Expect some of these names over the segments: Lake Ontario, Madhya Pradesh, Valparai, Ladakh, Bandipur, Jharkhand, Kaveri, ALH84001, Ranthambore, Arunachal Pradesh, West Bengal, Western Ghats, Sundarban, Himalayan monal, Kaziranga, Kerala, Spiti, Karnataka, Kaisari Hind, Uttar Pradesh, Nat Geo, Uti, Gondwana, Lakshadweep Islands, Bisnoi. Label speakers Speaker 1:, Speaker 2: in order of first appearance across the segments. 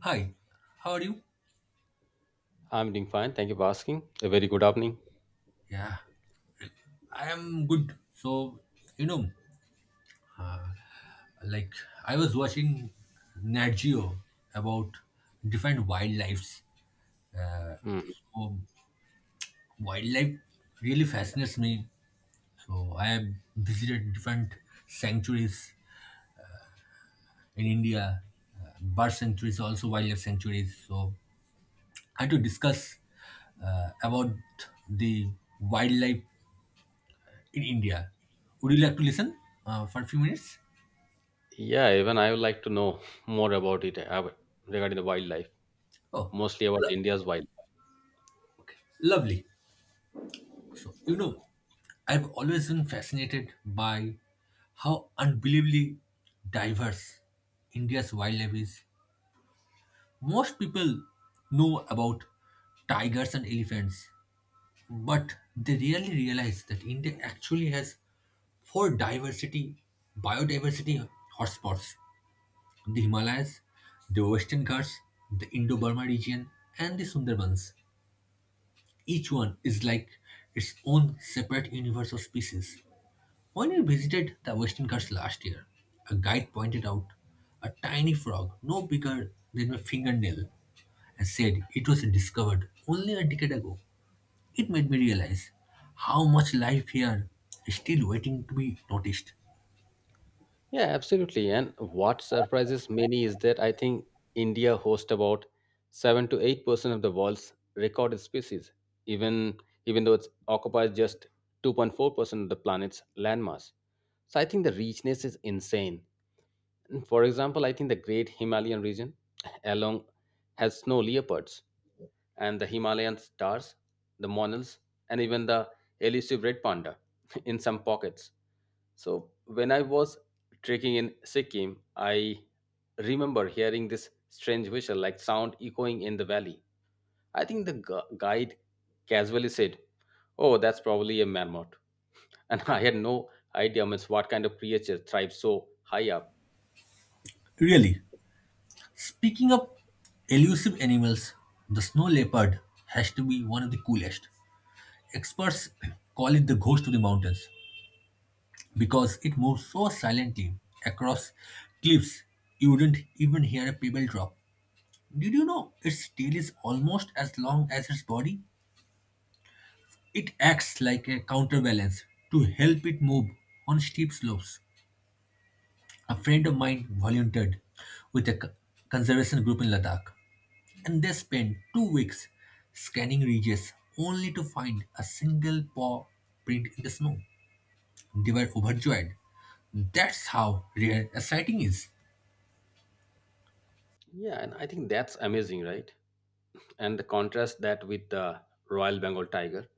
Speaker 1: Hi, how are you?
Speaker 2: I'm doing fine. Thank you for asking. A very good evening.
Speaker 1: Yeah, I am good. So, you know, like I was watching Nat Geo about different wildlife.
Speaker 2: Mm.
Speaker 1: So, wildlife really fascinates me. So, I have visited different sanctuaries in India, bird sanctuaries, also wildlife sanctuaries. So, I had to discuss about the wildlife in India. Would you like to listen for a few minutes?
Speaker 2: Yeah, even I would like to know more about it regarding the wildlife,
Speaker 1: Oh,
Speaker 2: mostly about India's wildlife.
Speaker 1: okay, lovely. So, I've always been fascinated by how unbelievably diverse India's wildlife is. Most people know about tigers and elephants, but they rarely realize that India actually has four biodiversity hotspots: the Himalayas, the Western Ghats, the Indo Burma region, and the Sundarbans. Each one is like its own separate universe of species. When we visited the Western Ghats last year, a guide pointed out a tiny frog no bigger than my fingernail and said it was discovered only a decade ago. It made me realize how much life here is still waiting to be noticed.
Speaker 2: Yeah, absolutely. And what surprises many is that I think India hosts about 7 to 8% of the world's recorded species, even even though it occupies just 2.4% of the planet's landmass. So I think the richness is insane. For example, I think the Great Himalayan region along has snow leopards and the Himalayan stars, the monals, and even the elusive red panda in some pockets. So, when I was trekking in Sikkim, I remember hearing this strange whistle like sound echoing in the valley. I think the guide casually said, "Oh, that's probably a marmot." And I had no idea means, what kind of creature thrives so high up.
Speaker 1: Really, speaking of elusive animals, the snow leopard has to be one of the coolest. Experts call it the ghost of the mountains because it moves so silently across cliffs you wouldn't even hear a pebble drop. Did you know its tail is almost as long as its body? It acts like a counterbalance to help it move on steep slopes. A friend of mine volunteered with a conservation group in Ladakh, and they spent 2 weeks scanning ridges only to find a single paw print in the snow. They were overjoyed. That's how rare a sighting is.
Speaker 2: Yeah, and I think that's amazing, right? And the contrast that with the Royal Bengal tiger,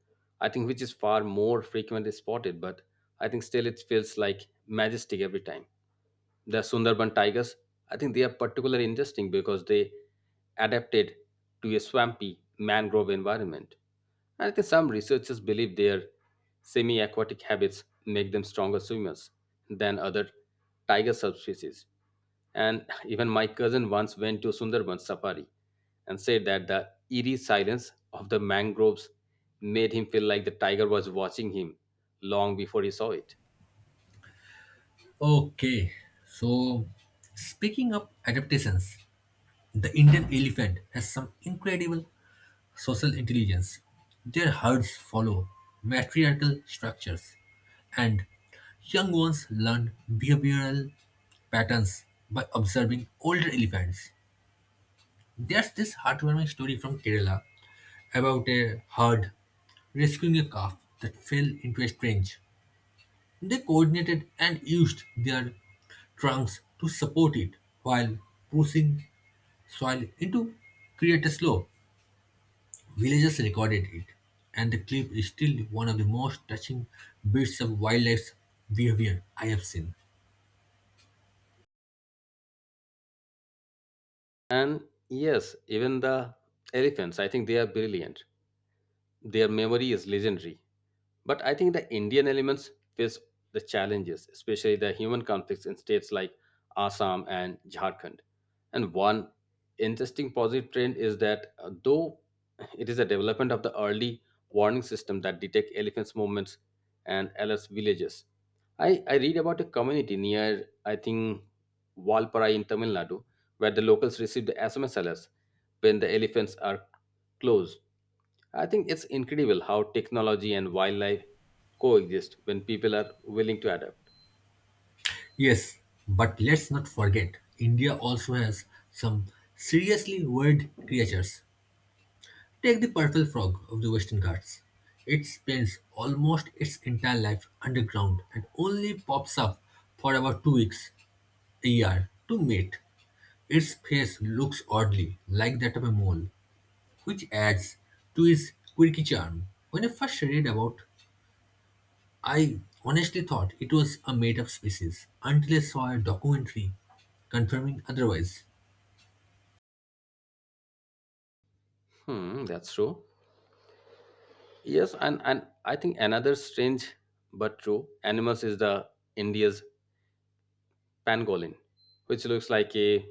Speaker 2: I think which is far more frequently spotted, but I think still it feels like majestic every time. The Sundarban tigers, I think they are particularly interesting because they adapted to a swampy mangrove environment. And I think some researchers believe their semi aquatic habits make them stronger swimmers than other tiger subspecies. And even my cousin once went to Sundarban safari and said that the eerie silence of the mangroves made him feel like the tiger was watching him long before he saw it.
Speaker 1: Okay, so speaking of adaptations, the Indian elephant has some incredible social intelligence. Their herds follow matriarchal structures, and young ones learn behavioral patterns by observing older elephants. There's this heartwarming story from Kerala about a herd rescuing a calf that fell into a trench. They coordinated and used their trunks to support it while pushing soil into create a slope. Villagers recorded it, and the clip is still one of the most touching bits of wildlife's behavior I have seen.
Speaker 2: And yes, even the elephants, I think they are brilliant. Their memory is legendary. But I think the Indian elements face the challenges, especially the human conflicts in states like Assam and Jharkhand. And one interesting positive trend is that though it is a development of the early warning system that detect elephants' movements and alerts villages. I read about a community near, I think, Valparai in Tamil Nadu, where the locals receive the SMS alerts when the elephants are close. I think it's incredible how technology and wildlife coexist when people are willing to adapt.
Speaker 1: Yes, but let's not forget, India also has some seriously weird creatures. Take the purple frog of the Western Ghats. It spends almost its entire life underground and only pops up for about 2 weeks a year to mate. Its face looks oddly like that of a mole, which adds to its quirky charm. When I first read about, I honestly thought it was a made-up species until I saw a documentary confirming otherwise.
Speaker 2: Hmm, that's true. Yes, and I think another strange but true animals is the India's pangolin, which looks like a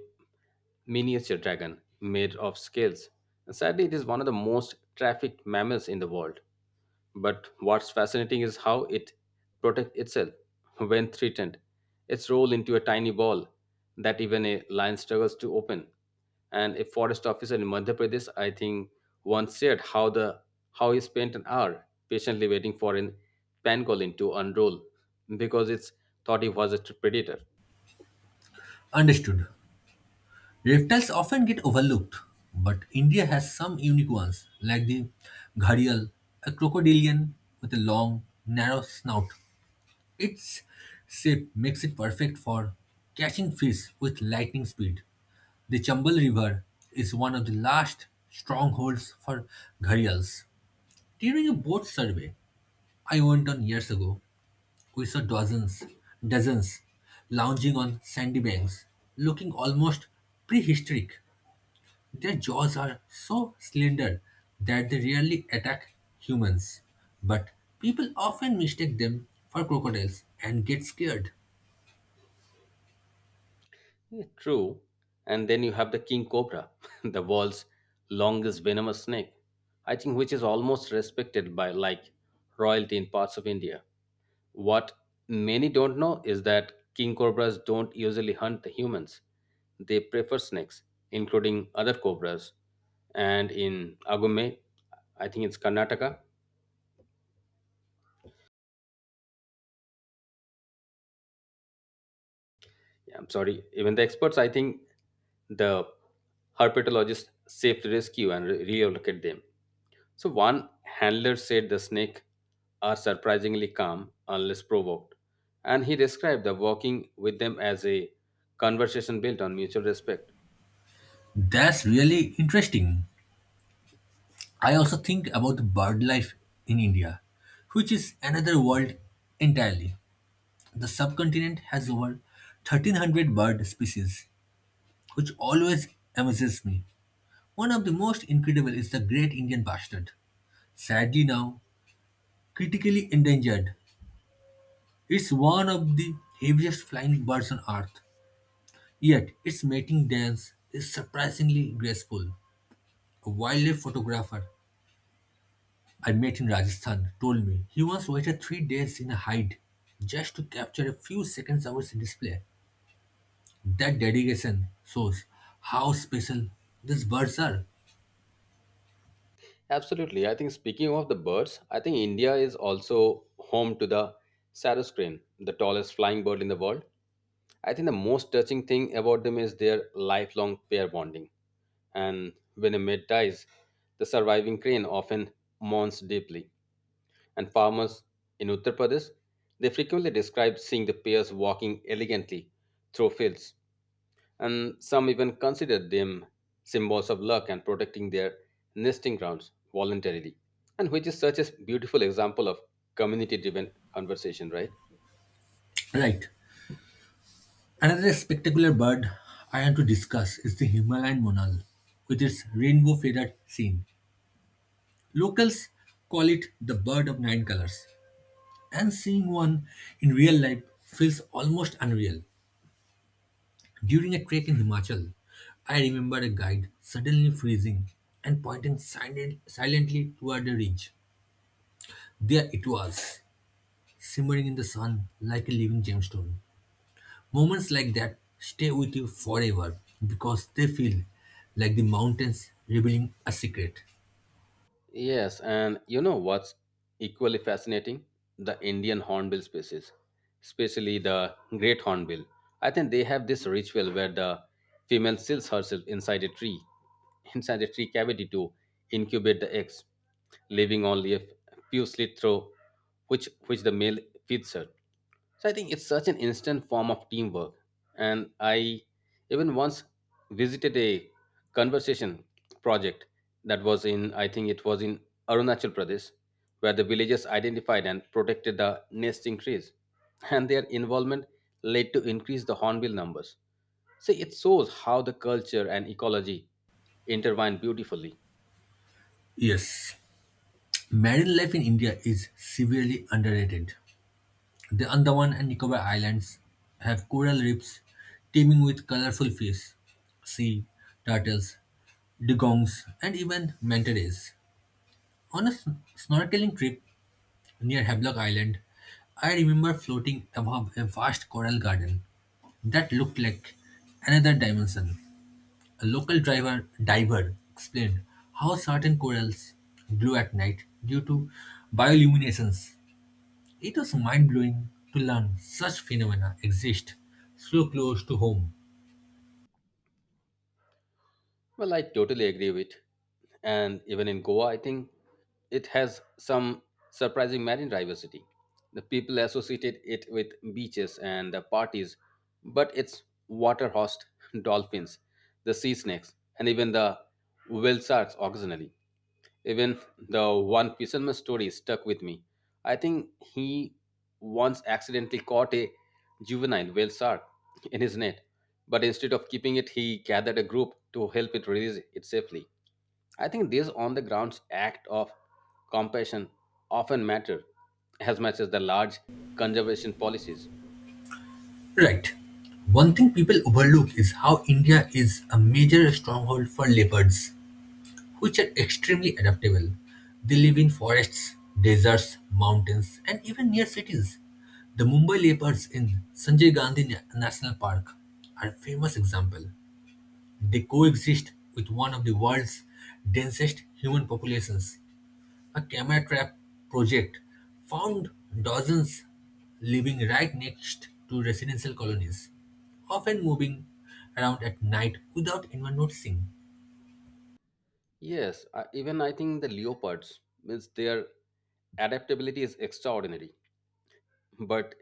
Speaker 2: miniature dragon made of scales. And sadly, it is one of the most trafficked mammals in the world. But what's fascinating is how it protects itself when threatened. It's rolled into a tiny ball that even a lion struggles to open. And a forest officer in Madhya Pradesh, I think, once shared how he spent an hour patiently waiting for an pangolin to unroll because it's thought he was a predator.
Speaker 1: Understood. Reptiles often get overlooked, but India has some unique ones, like the gharial, a crocodilian with a long, narrow snout. Its shape makes it perfect for catching fish with lightning speed. The Chambal River is one of the last strongholds for gharials. During a boat survey I went on years ago, we saw dozens lounging on sandy banks, looking almost prehistoric. Their jaws are so slender that they rarely attack humans, but people often mistake them for crocodiles and get scared.
Speaker 2: Yeah, true. And then you have the king cobra, the world's longest venomous snake, I think which is almost respected by like royalty in parts of India. What many don't know is that king cobras don't usually hunt the humans. They prefer snakes, including other cobras. And in Agume, I think it's Karnataka. Yeah, I'm sorry. Even the experts, I think the herpetologists saved rescue and relocate them. So one handler said the snake are surprisingly calm unless provoked, and he described the walking with them as a conversation built on mutual respect.
Speaker 1: That's really interesting. I also think about the bird life in India, which is another world entirely. The subcontinent has over 1300 bird species, which always amazes me. One of the most incredible is the great Indian bustard, sadly now critically endangered. It's one of the heaviest flying birds on Earth, yet its mating dance is surprisingly graceful. A wildlife photographer I met in Rajasthan told me he once waited 3 days in a hide just to capture a few seconds of its display. That dedication shows how special these birds are.
Speaker 2: Absolutely. I think speaking of the birds, I think India is also home to the sarus crane, the tallest flying bird in the world. I think the most touching thing about them is their lifelong pair bonding. And when a mate dies, the surviving crane often mourns deeply, and farmers in Uttar Pradesh, they frequently describe seeing the pairs walking elegantly through fields, and some even consider them symbols of luck and protecting their nesting grounds voluntarily, and which is such a beautiful example of community-driven conversation, right?
Speaker 1: Right. Another spectacular bird I want to discuss is the Himalayan monal with its rainbow feathered scene. Locals call it the bird of nine colors and seeing one in real life feels almost unreal. During a trek in Himachal, I remember a guide suddenly freezing and pointing silently toward a ridge. There it was, simmering in the sun like a living gemstone. Moments like that stay with you forever because they feel like the mountains revealing a secret.
Speaker 2: Yes, and you know what's equally fascinating? The Indian hornbill species, especially the great hornbill. I think they have this ritual where the female seals herself inside a tree, inside a tree cavity to incubate the eggs, leaving only a few slits through which the male feeds her. So I think it's such an instant form of teamwork. And I even once visited a conversation project that was in, I think it was in Arunachal Pradesh, where the villagers identified and protected the nesting trees. And their involvement led to increase the hornbill numbers. So it shows how the culture and ecology intertwine beautifully.
Speaker 1: Yes, marine life in India is severely underrated. The Andaman and Nicobar Islands have coral reefs teeming with colorful fish, sea turtles, dugongs, and even manta rays. On a snorkeling trip near Havelock Island, I remember floating above a vast coral garden that looked like another dimension. A local driver diver explained how certain corals glow at night due to bioluminescence. It was mind blowing to learn such phenomena exist so close to home.
Speaker 2: Well, I totally agree with. And even in Goa, I think it has some surprising marine diversity. The people associated it with beaches and the parties, but it's water hosts dolphins, the sea snakes, and even the whale sharks occasionally. Even the one fisherman story stuck with me. I think he once accidentally caught a juvenile whale shark in his net, but instead of keeping it, he gathered a group to help it release it safely. I think this on the grounds act of compassion often matter as much as the large conservation policies.
Speaker 1: Right. One thing people overlook is how India is a major stronghold for leopards, which are extremely adaptable. They live in forests, deserts, mountains, and even near cities. The Mumbai leopards in Sanjay Gandhi National Park are a famous example. They coexist with one of the world's densest human populations. A camera trap project found dozens living right next to residential colonies, often moving around at night without anyone noticing.
Speaker 2: Yes, even I think the leopards means their adaptability is extraordinary. But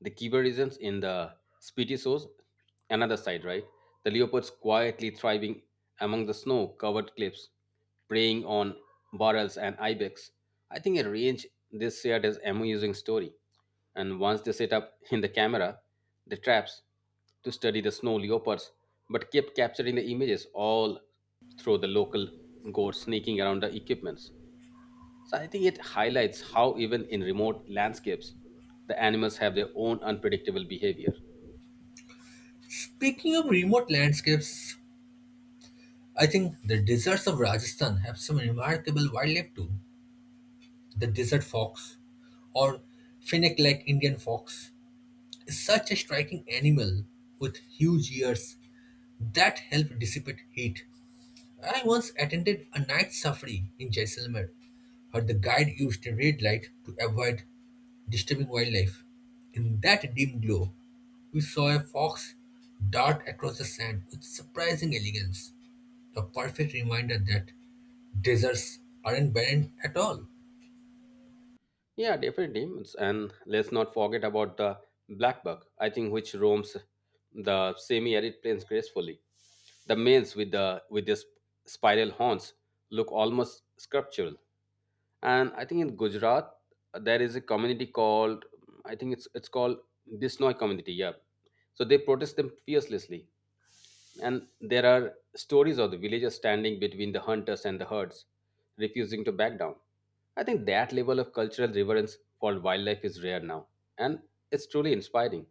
Speaker 2: the Kibberisms in the Spiti shows another side, right? The leopards quietly thriving among the snow covered cliffs, preying on barrels and ibex. I think a range they shared is amusing story. And once they set up in the camera, the traps to study the snow leopards, but kept capturing the images all through the local gore sneaking around the equipments. So I think it highlights how even in remote landscapes, the animals have their own unpredictable behavior.
Speaker 1: Speaking of remote landscapes, I think the deserts of Rajasthan have some remarkable wildlife too. The desert fox or fennec like Indian fox is such a striking animal with huge ears that help dissipate heat. I once attended a night safari in Jaisalmer, where the guide used a red light to avoid disturbing wildlife. In that dim glow, we saw a fox dart across the sand with surprising elegance, a perfect reminder that deserts aren't barren at all.
Speaker 2: Yeah, definitely. And let's not forget about the blackbird. I think which roams the semi-arid plains gracefully. The males with their spiral horns look almost sculptural. And I think in Gujarat there is a community called I think it's called Bisnoi community. Yeah, so they protest them fearlessly. And there are stories of the villagers standing between the hunters and the herds, refusing to back down. I think that level of cultural reverence for wildlife is rare now, and it's truly inspiring.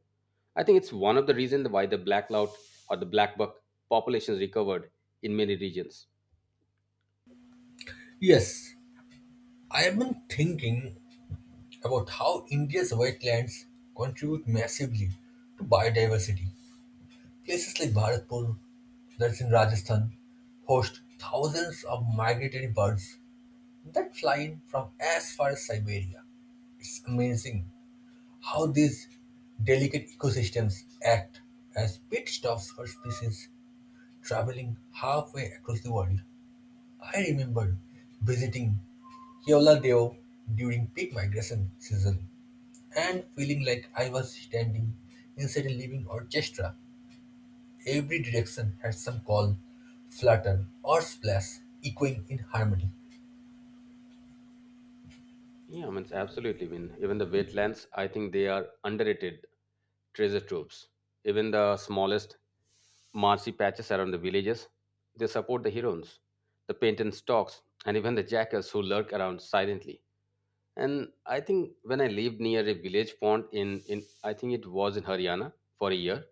Speaker 2: I think it's one of the reasons why the black lout or the black buck populations recovered in many regions.
Speaker 1: Yes, I have been thinking about how India's wetlands contribute massively to biodiversity. Places like Bharatpur, that's in Rajasthan, host thousands of migratory birds that fly in from as far as Siberia. It's amazing how these delicate ecosystems act as pit stops for species traveling halfway across the world. I remember visiting Keoladeo during peak migration season and feeling like I was standing inside a living orchestra. Every direction had some call, flutter, or splash echoing in harmony.
Speaker 2: Yeah, I mean, it's absolutely. I mean, even the wetlands, I think they are underrated treasure troves. Even the smallest Marcy patches around the villages. They support the heroines, the painted stalks, and even the jackals who lurk around silently. And I think when I lived near a village pond in I think it was in Haryana for a year,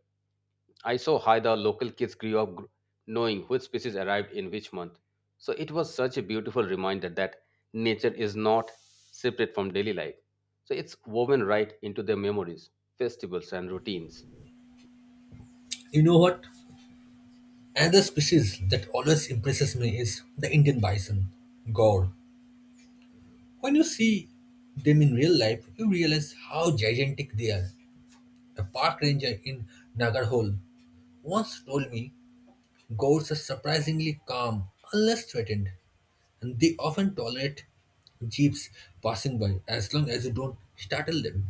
Speaker 2: I saw how the local kids grew up knowing which species arrived in which month. So it was such a beautiful reminder that nature is not separate from daily life. So it's woven right into their memories, festivals, and routines.
Speaker 1: You know what? Another species that always impresses me is the Indian bison, gaur. When you see them in real life, you realize how gigantic they are. A park ranger in Nagarhole once told me, Goats are surprisingly calm unless threatened, and they often tolerate jeeps passing by as long as you don't startle them.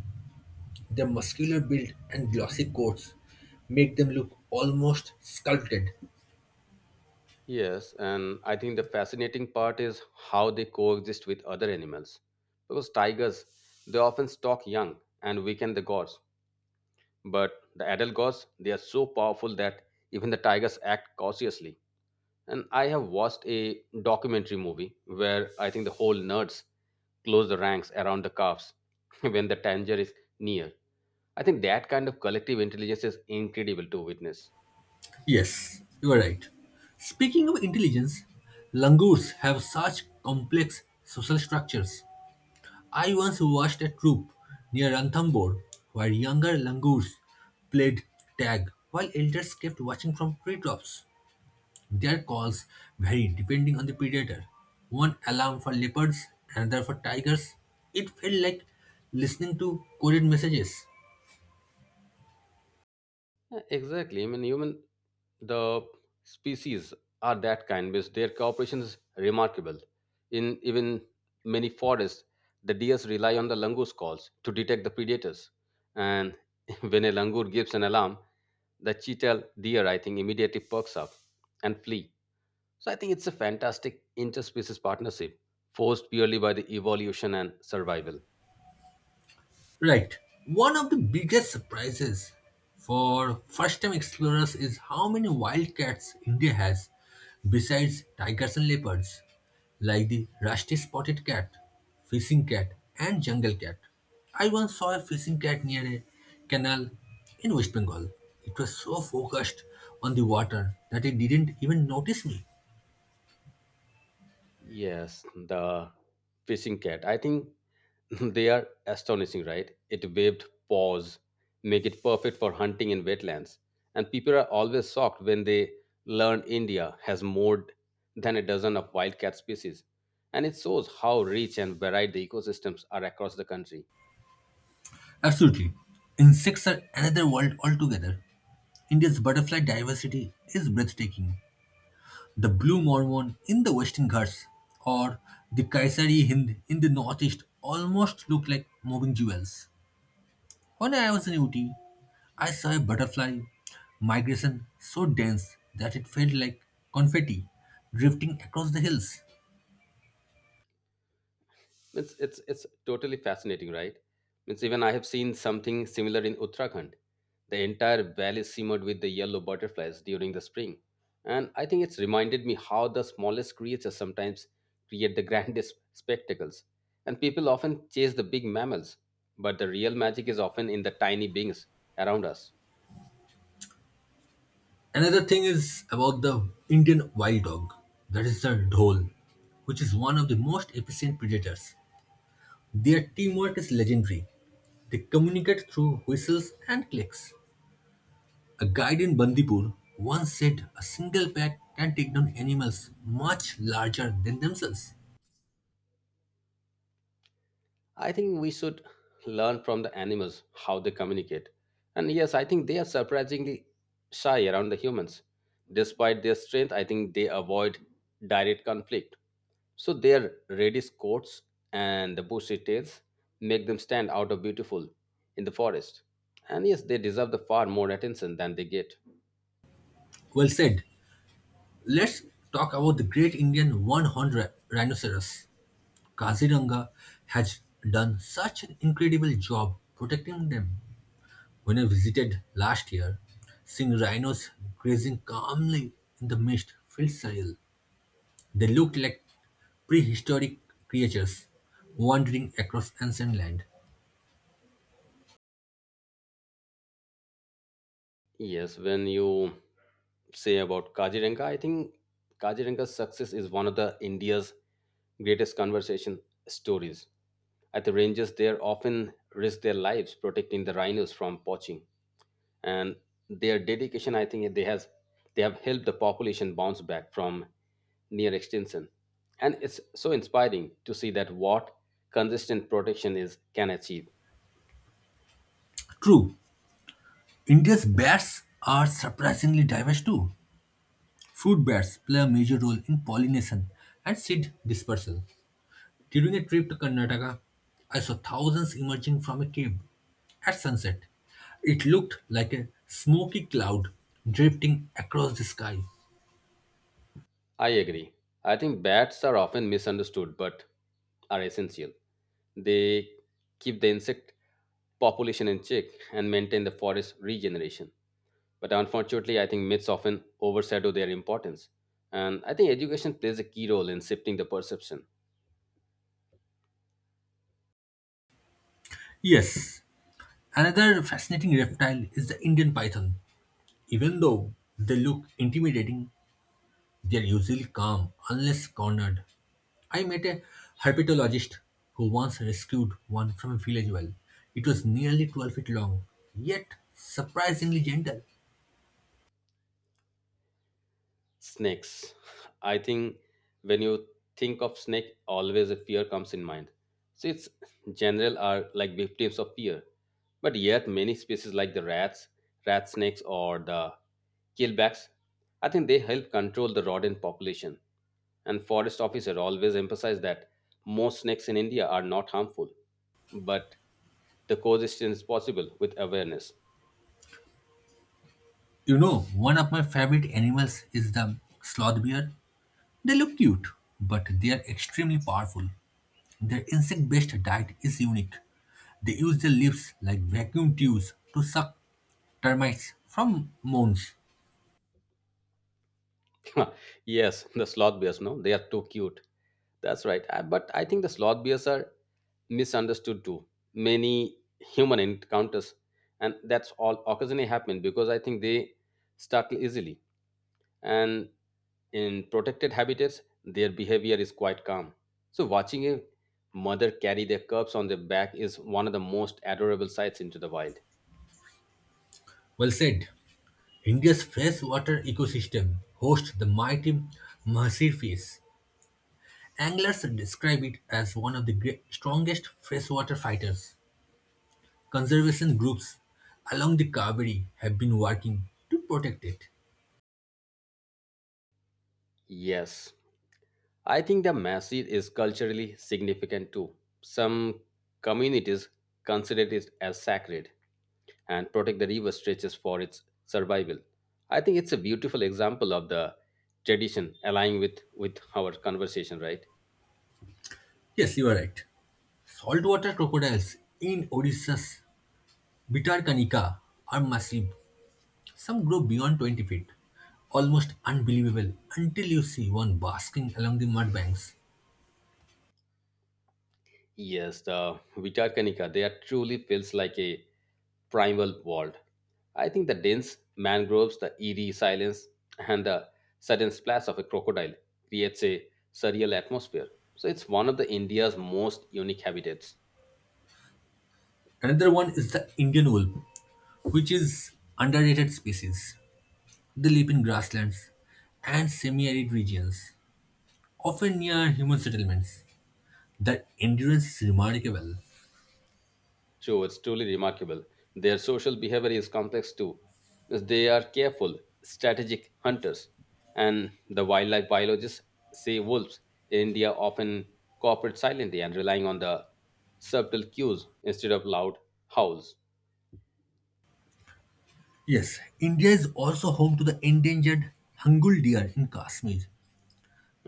Speaker 1: Their muscular build and glossy coats make them look almost sculpted.
Speaker 2: Yes, and I think the fascinating part is how they coexist with other animals. Because tigers, they often stalk young and weaken the gods. But the adult gods, they are so powerful that even the tigers act cautiously. And I have watched a documentary movie where I think the whole nerds close the ranks around the calves when the danger is near. I think that kind of collective intelligence is incredible to witness.
Speaker 1: Yes, you are right. Speaking of intelligence, langurs have such complex social structures. I once watched a troupe near Ranthambore where younger langurs played tag while elders kept watching from treetops. Their calls varied depending on the predator. One alarm for leopards, another for tigers. It felt like listening to coded messages.
Speaker 2: Yeah, exactly. I mean, human the species are that kind because their cooperation is remarkable. In even many forests, the deers rely on the langurs calls to detect the predators. And when a langur gives an alarm, the cheetah deer I think immediately perks up and flee. So I think it's a fantastic interspecies partnership forced purely by the evolution and survival.
Speaker 1: Right. One of the biggest surprises for first time explorers is how many wildcats India has besides tigers and leopards, like the rusty spotted cat, fishing cat, and jungle cat. I once saw a fishing cat near a canal in West Bengal. It was so focused on the water that it didn't even notice me.
Speaker 2: Yes, the fishing cat. I think they are astonishing, right? It waved paws, make it perfect for hunting in wetlands. And people are always shocked when they learn India has more than a dozen of wildcat species. And it shows how rich and varied the ecosystems are across the country.
Speaker 1: Absolutely. Insects are another world altogether. India's butterfly diversity is breathtaking. The Blue Mormon in the Western Ghats or the Kaisari Hind in the Northeast almost look like moving jewels. When I was in Uti, I saw a butterfly migration so dense that it felt like confetti drifting across the hills.
Speaker 2: It's totally fascinating, right? Means even I have seen something similar in Uttarakhand. The entire valley simmered with the yellow butterflies during the spring. And I think it's reminded me how the smallest creatures sometimes create the grandest spectacles. And people often chase the big mammals, but the real magic is often in the tiny beings around us.
Speaker 1: Another thing is about the Indian wild dog, that is the dhol, which is one of the most efficient predators. Their teamwork is legendary. They communicate through whistles and clicks. A guide in Bandipur once said a single bat can take down animals much larger than themselves.
Speaker 2: I think we should learn from the animals how they communicate. And yes, I think they are surprisingly shy around the humans. Despite their strength, I think they avoid direct conflict. So their reddish coats and the bushy tails make them stand out of beautiful in the forest. And yes, they deserve the far more attention than they get.
Speaker 1: Well said. Let's talk about the great Indian one-horned rhinoceros. Kaziranga has done such an incredible job protecting them. When I visited last year, seeing rhinos grazing calmly in the mist felt surreal. They looked like prehistoric creatures wandering across ancient land.
Speaker 2: Yes, when you say about Kaziranga, I think Kaziranga's success is one of the India's greatest conversation stories. At the ranges, they are often risk their lives protecting the rhinos from poaching, and their dedication, I think, they have helped the population bounce back from near extinction. And it's so inspiring to see that what consistent protection is can achieve.
Speaker 1: True, India's bats are surprisingly diverse too. Fruit bats play a major role in pollination and seed dispersal. During a trip to Karnataka, I saw thousands emerging from a cave at sunset. It looked like a smoky cloud drifting across the sky.
Speaker 2: I agree. I think bats are often misunderstood but are essential. They keep the insect population in check and maintain the forest regeneration. But unfortunately, I think myths often overshadow their importance. And I think education plays a key role in shifting the perception.
Speaker 1: Yes, another fascinating reptile is the Indian python. Even though they look intimidating, they are usually calm unless cornered. I met a herpetologist who once rescued one from a village well. It was nearly 12 feet long, yet surprisingly gentle.
Speaker 2: Snakes. I think when you think of snake, always a fear comes in mind. So it's general are like victims of fear. But yet many species like the rat snakes or the killbacks, I think they help control the rodent population. And forest officer always emphasize that most snakes in India are not harmful but the coexistence is possible with awareness.
Speaker 1: You know, one of my favorite animals is the sloth bear. They look cute, but they are extremely powerful. Their insect based diet is unique. They use their lips like vacuum tubes to suck termites from mounds.
Speaker 2: Yes, the sloth bears, no, they are too cute. That's right. But I think the sloth bears are misunderstood too. Many human encounters, and that's all occasionally happen because I think they startle easily. And in protected habitats, their behavior is quite calm. So watching a mother carry their cubs on their back is one of the most adorable sights into the wild.
Speaker 1: Well said. India's freshwater ecosystem hosts the mighty Mahsir fish. Anglers describe it as one of the strongest freshwater fighters. Conservation groups along the Kaveri have been working to protect it.
Speaker 2: Yes. I think the masjid is culturally significant too. Some communities consider it as sacred and protect the river stretches for its survival. I think it's a beautiful example of the tradition aligning with our conversation, right?
Speaker 1: Yes, you are right. Saltwater crocodiles in Odisha's Bitarkanika are massive. Some grow beyond 20 feet. Almost unbelievable until you see one basking along the mud banks.
Speaker 2: Yes, the Vitarkanika, they are truly feels like a primal world. I think the dense mangroves, the eerie silence, and the sudden splash of a crocodile creates a surreal atmosphere. So it's one of the India's most unique habitats.
Speaker 1: Another one is the Indian wolf, which is underrated species. They live in grasslands and semi-arid regions, often near human settlements. That endurance is remarkable.
Speaker 2: So it's truly remarkable. Their social behavior is complex too. Because they are careful, strategic hunters, and the wildlife biologists say wolves in India often cooperate silently and relying on the subtle cues instead of loud howls.
Speaker 1: Yes, India is also home to the endangered Hangul deer in Kashmir.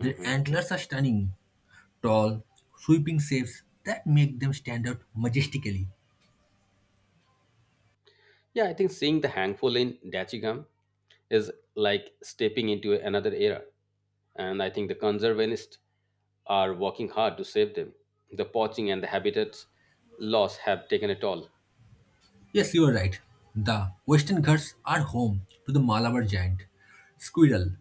Speaker 1: Their antlers are stunning, tall, sweeping shapes that make them stand out majestically.
Speaker 2: Yeah, I think seeing the handful in Dachigam is like stepping into another era. And I think the conservationists are working hard to save them. The poaching and the habitat loss have taken it all.
Speaker 1: Yes, you are right. The Western Ghats are home to the Malabar giant squirrel.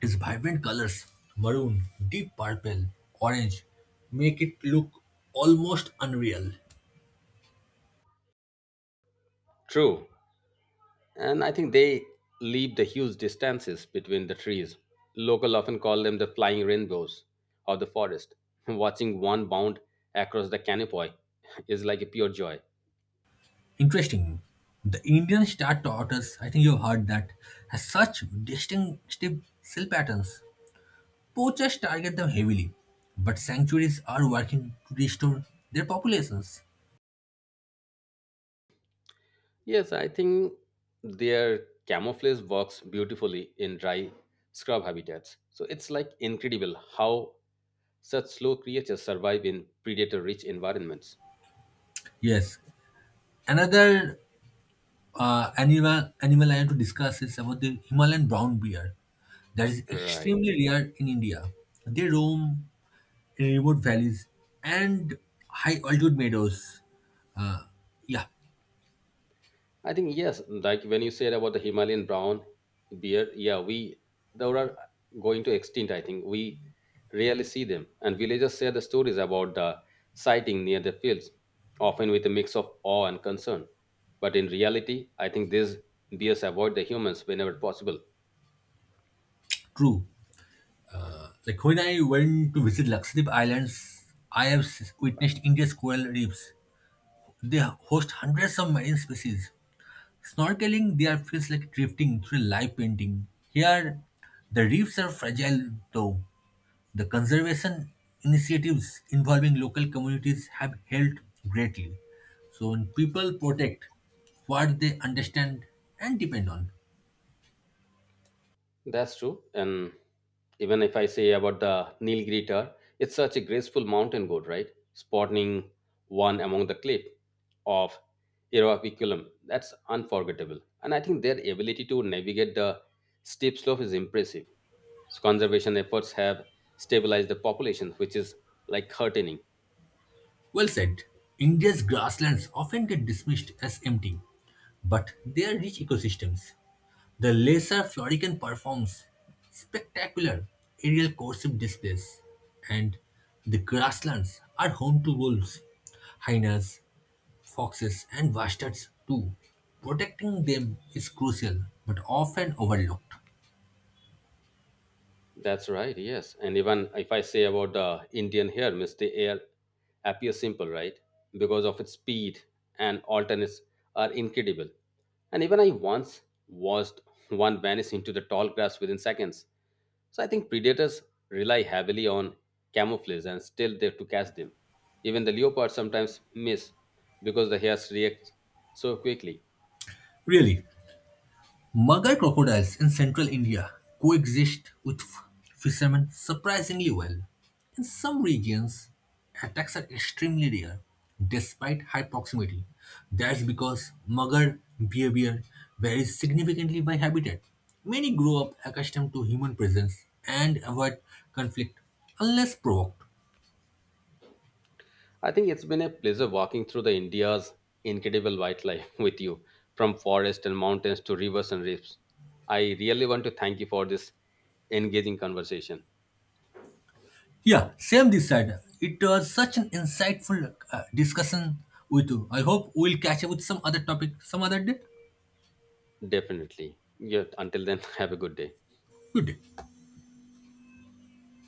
Speaker 1: Its vibrant colors, maroon, deep purple, orange, make it look almost unreal.
Speaker 2: True. And I think they leave the huge distances between the trees. Local often call them the flying rainbows of the forest. Watching one bound across the canopy is like a pure joy.
Speaker 1: Interesting. The Indian star tortoise, I think you've heard that, has such distinctive cell patterns. Poachers target them heavily, but sanctuaries are working to restore their populations.
Speaker 2: Yes, I think their camouflage works beautifully in dry scrub habitats. So it's like incredible how such slow creatures survive in predator rich environments.
Speaker 1: Yes, another animal I want to discuss is about the Himalayan brown bear. That is
Speaker 2: Right.
Speaker 1: extremely rare in India. They roam in remote valleys and high altitude meadows. Yeah,
Speaker 2: I think yes, like when you said about the Himalayan brown bear, yeah, we they are going to extinct. I think we rarely see them, and villagers share the stories about the sighting near the fields, often with a mix of awe and concern. But in reality, I think these bears avoid the humans whenever possible.
Speaker 1: true. Like when I went to visit Lakshadweep Islands, I have witnessed India's coral reefs. They host hundreds of marine species. Snorkeling there feels like drifting through a live painting. Here, the reefs are fragile though. The conservation initiatives involving local communities have helped greatly. So when people protect what they understand and depend on.
Speaker 2: That's true. And even if I say about the Nilgiri Tar, it's such a graceful mountain goat, right? Spawning one among the cliff of Eroapiculum. That's unforgettable. And I think their ability to navigate the steep slope is impressive. So conservation efforts have stabilized the population, which is like heartening.
Speaker 1: Well said. India's grasslands often get dismissed as empty, but they are rich ecosystems. The Lesser Florican performs spectacular aerial coursive displays, and the grasslands are home to wolves, hyenas, foxes, and bastards too. Protecting them is crucial, but often overlooked.
Speaker 2: That's right, yes. And even if I say about the Indian hair, Miss, the air appears simple, right? Because of its speed and alternates are incredible. And even I once watched one vanish into the tall grass within seconds. So I think predators rely heavily on camouflage and still there to catch them. Even the leopards sometimes miss because the hairs react so quickly.
Speaker 1: Really, Mugger crocodiles in central India coexist with fishermen surprisingly well. In some regions, attacks are extremely rare despite high proximity. That's because mugger behavior varies significantly by habitat. Many grow up accustomed to human presence and avoid conflict unless provoked.
Speaker 2: I think it's been a pleasure walking through the India's incredible wildlife with you, from forests and mountains to rivers and reefs. I really want to thank you for this engaging conversation.
Speaker 1: Yeah, same this side. It was such an insightful discussion with you. I hope we'll catch up with some other topic some other day.
Speaker 2: Definitely. Yeah, until then, have a good day.
Speaker 1: Good day.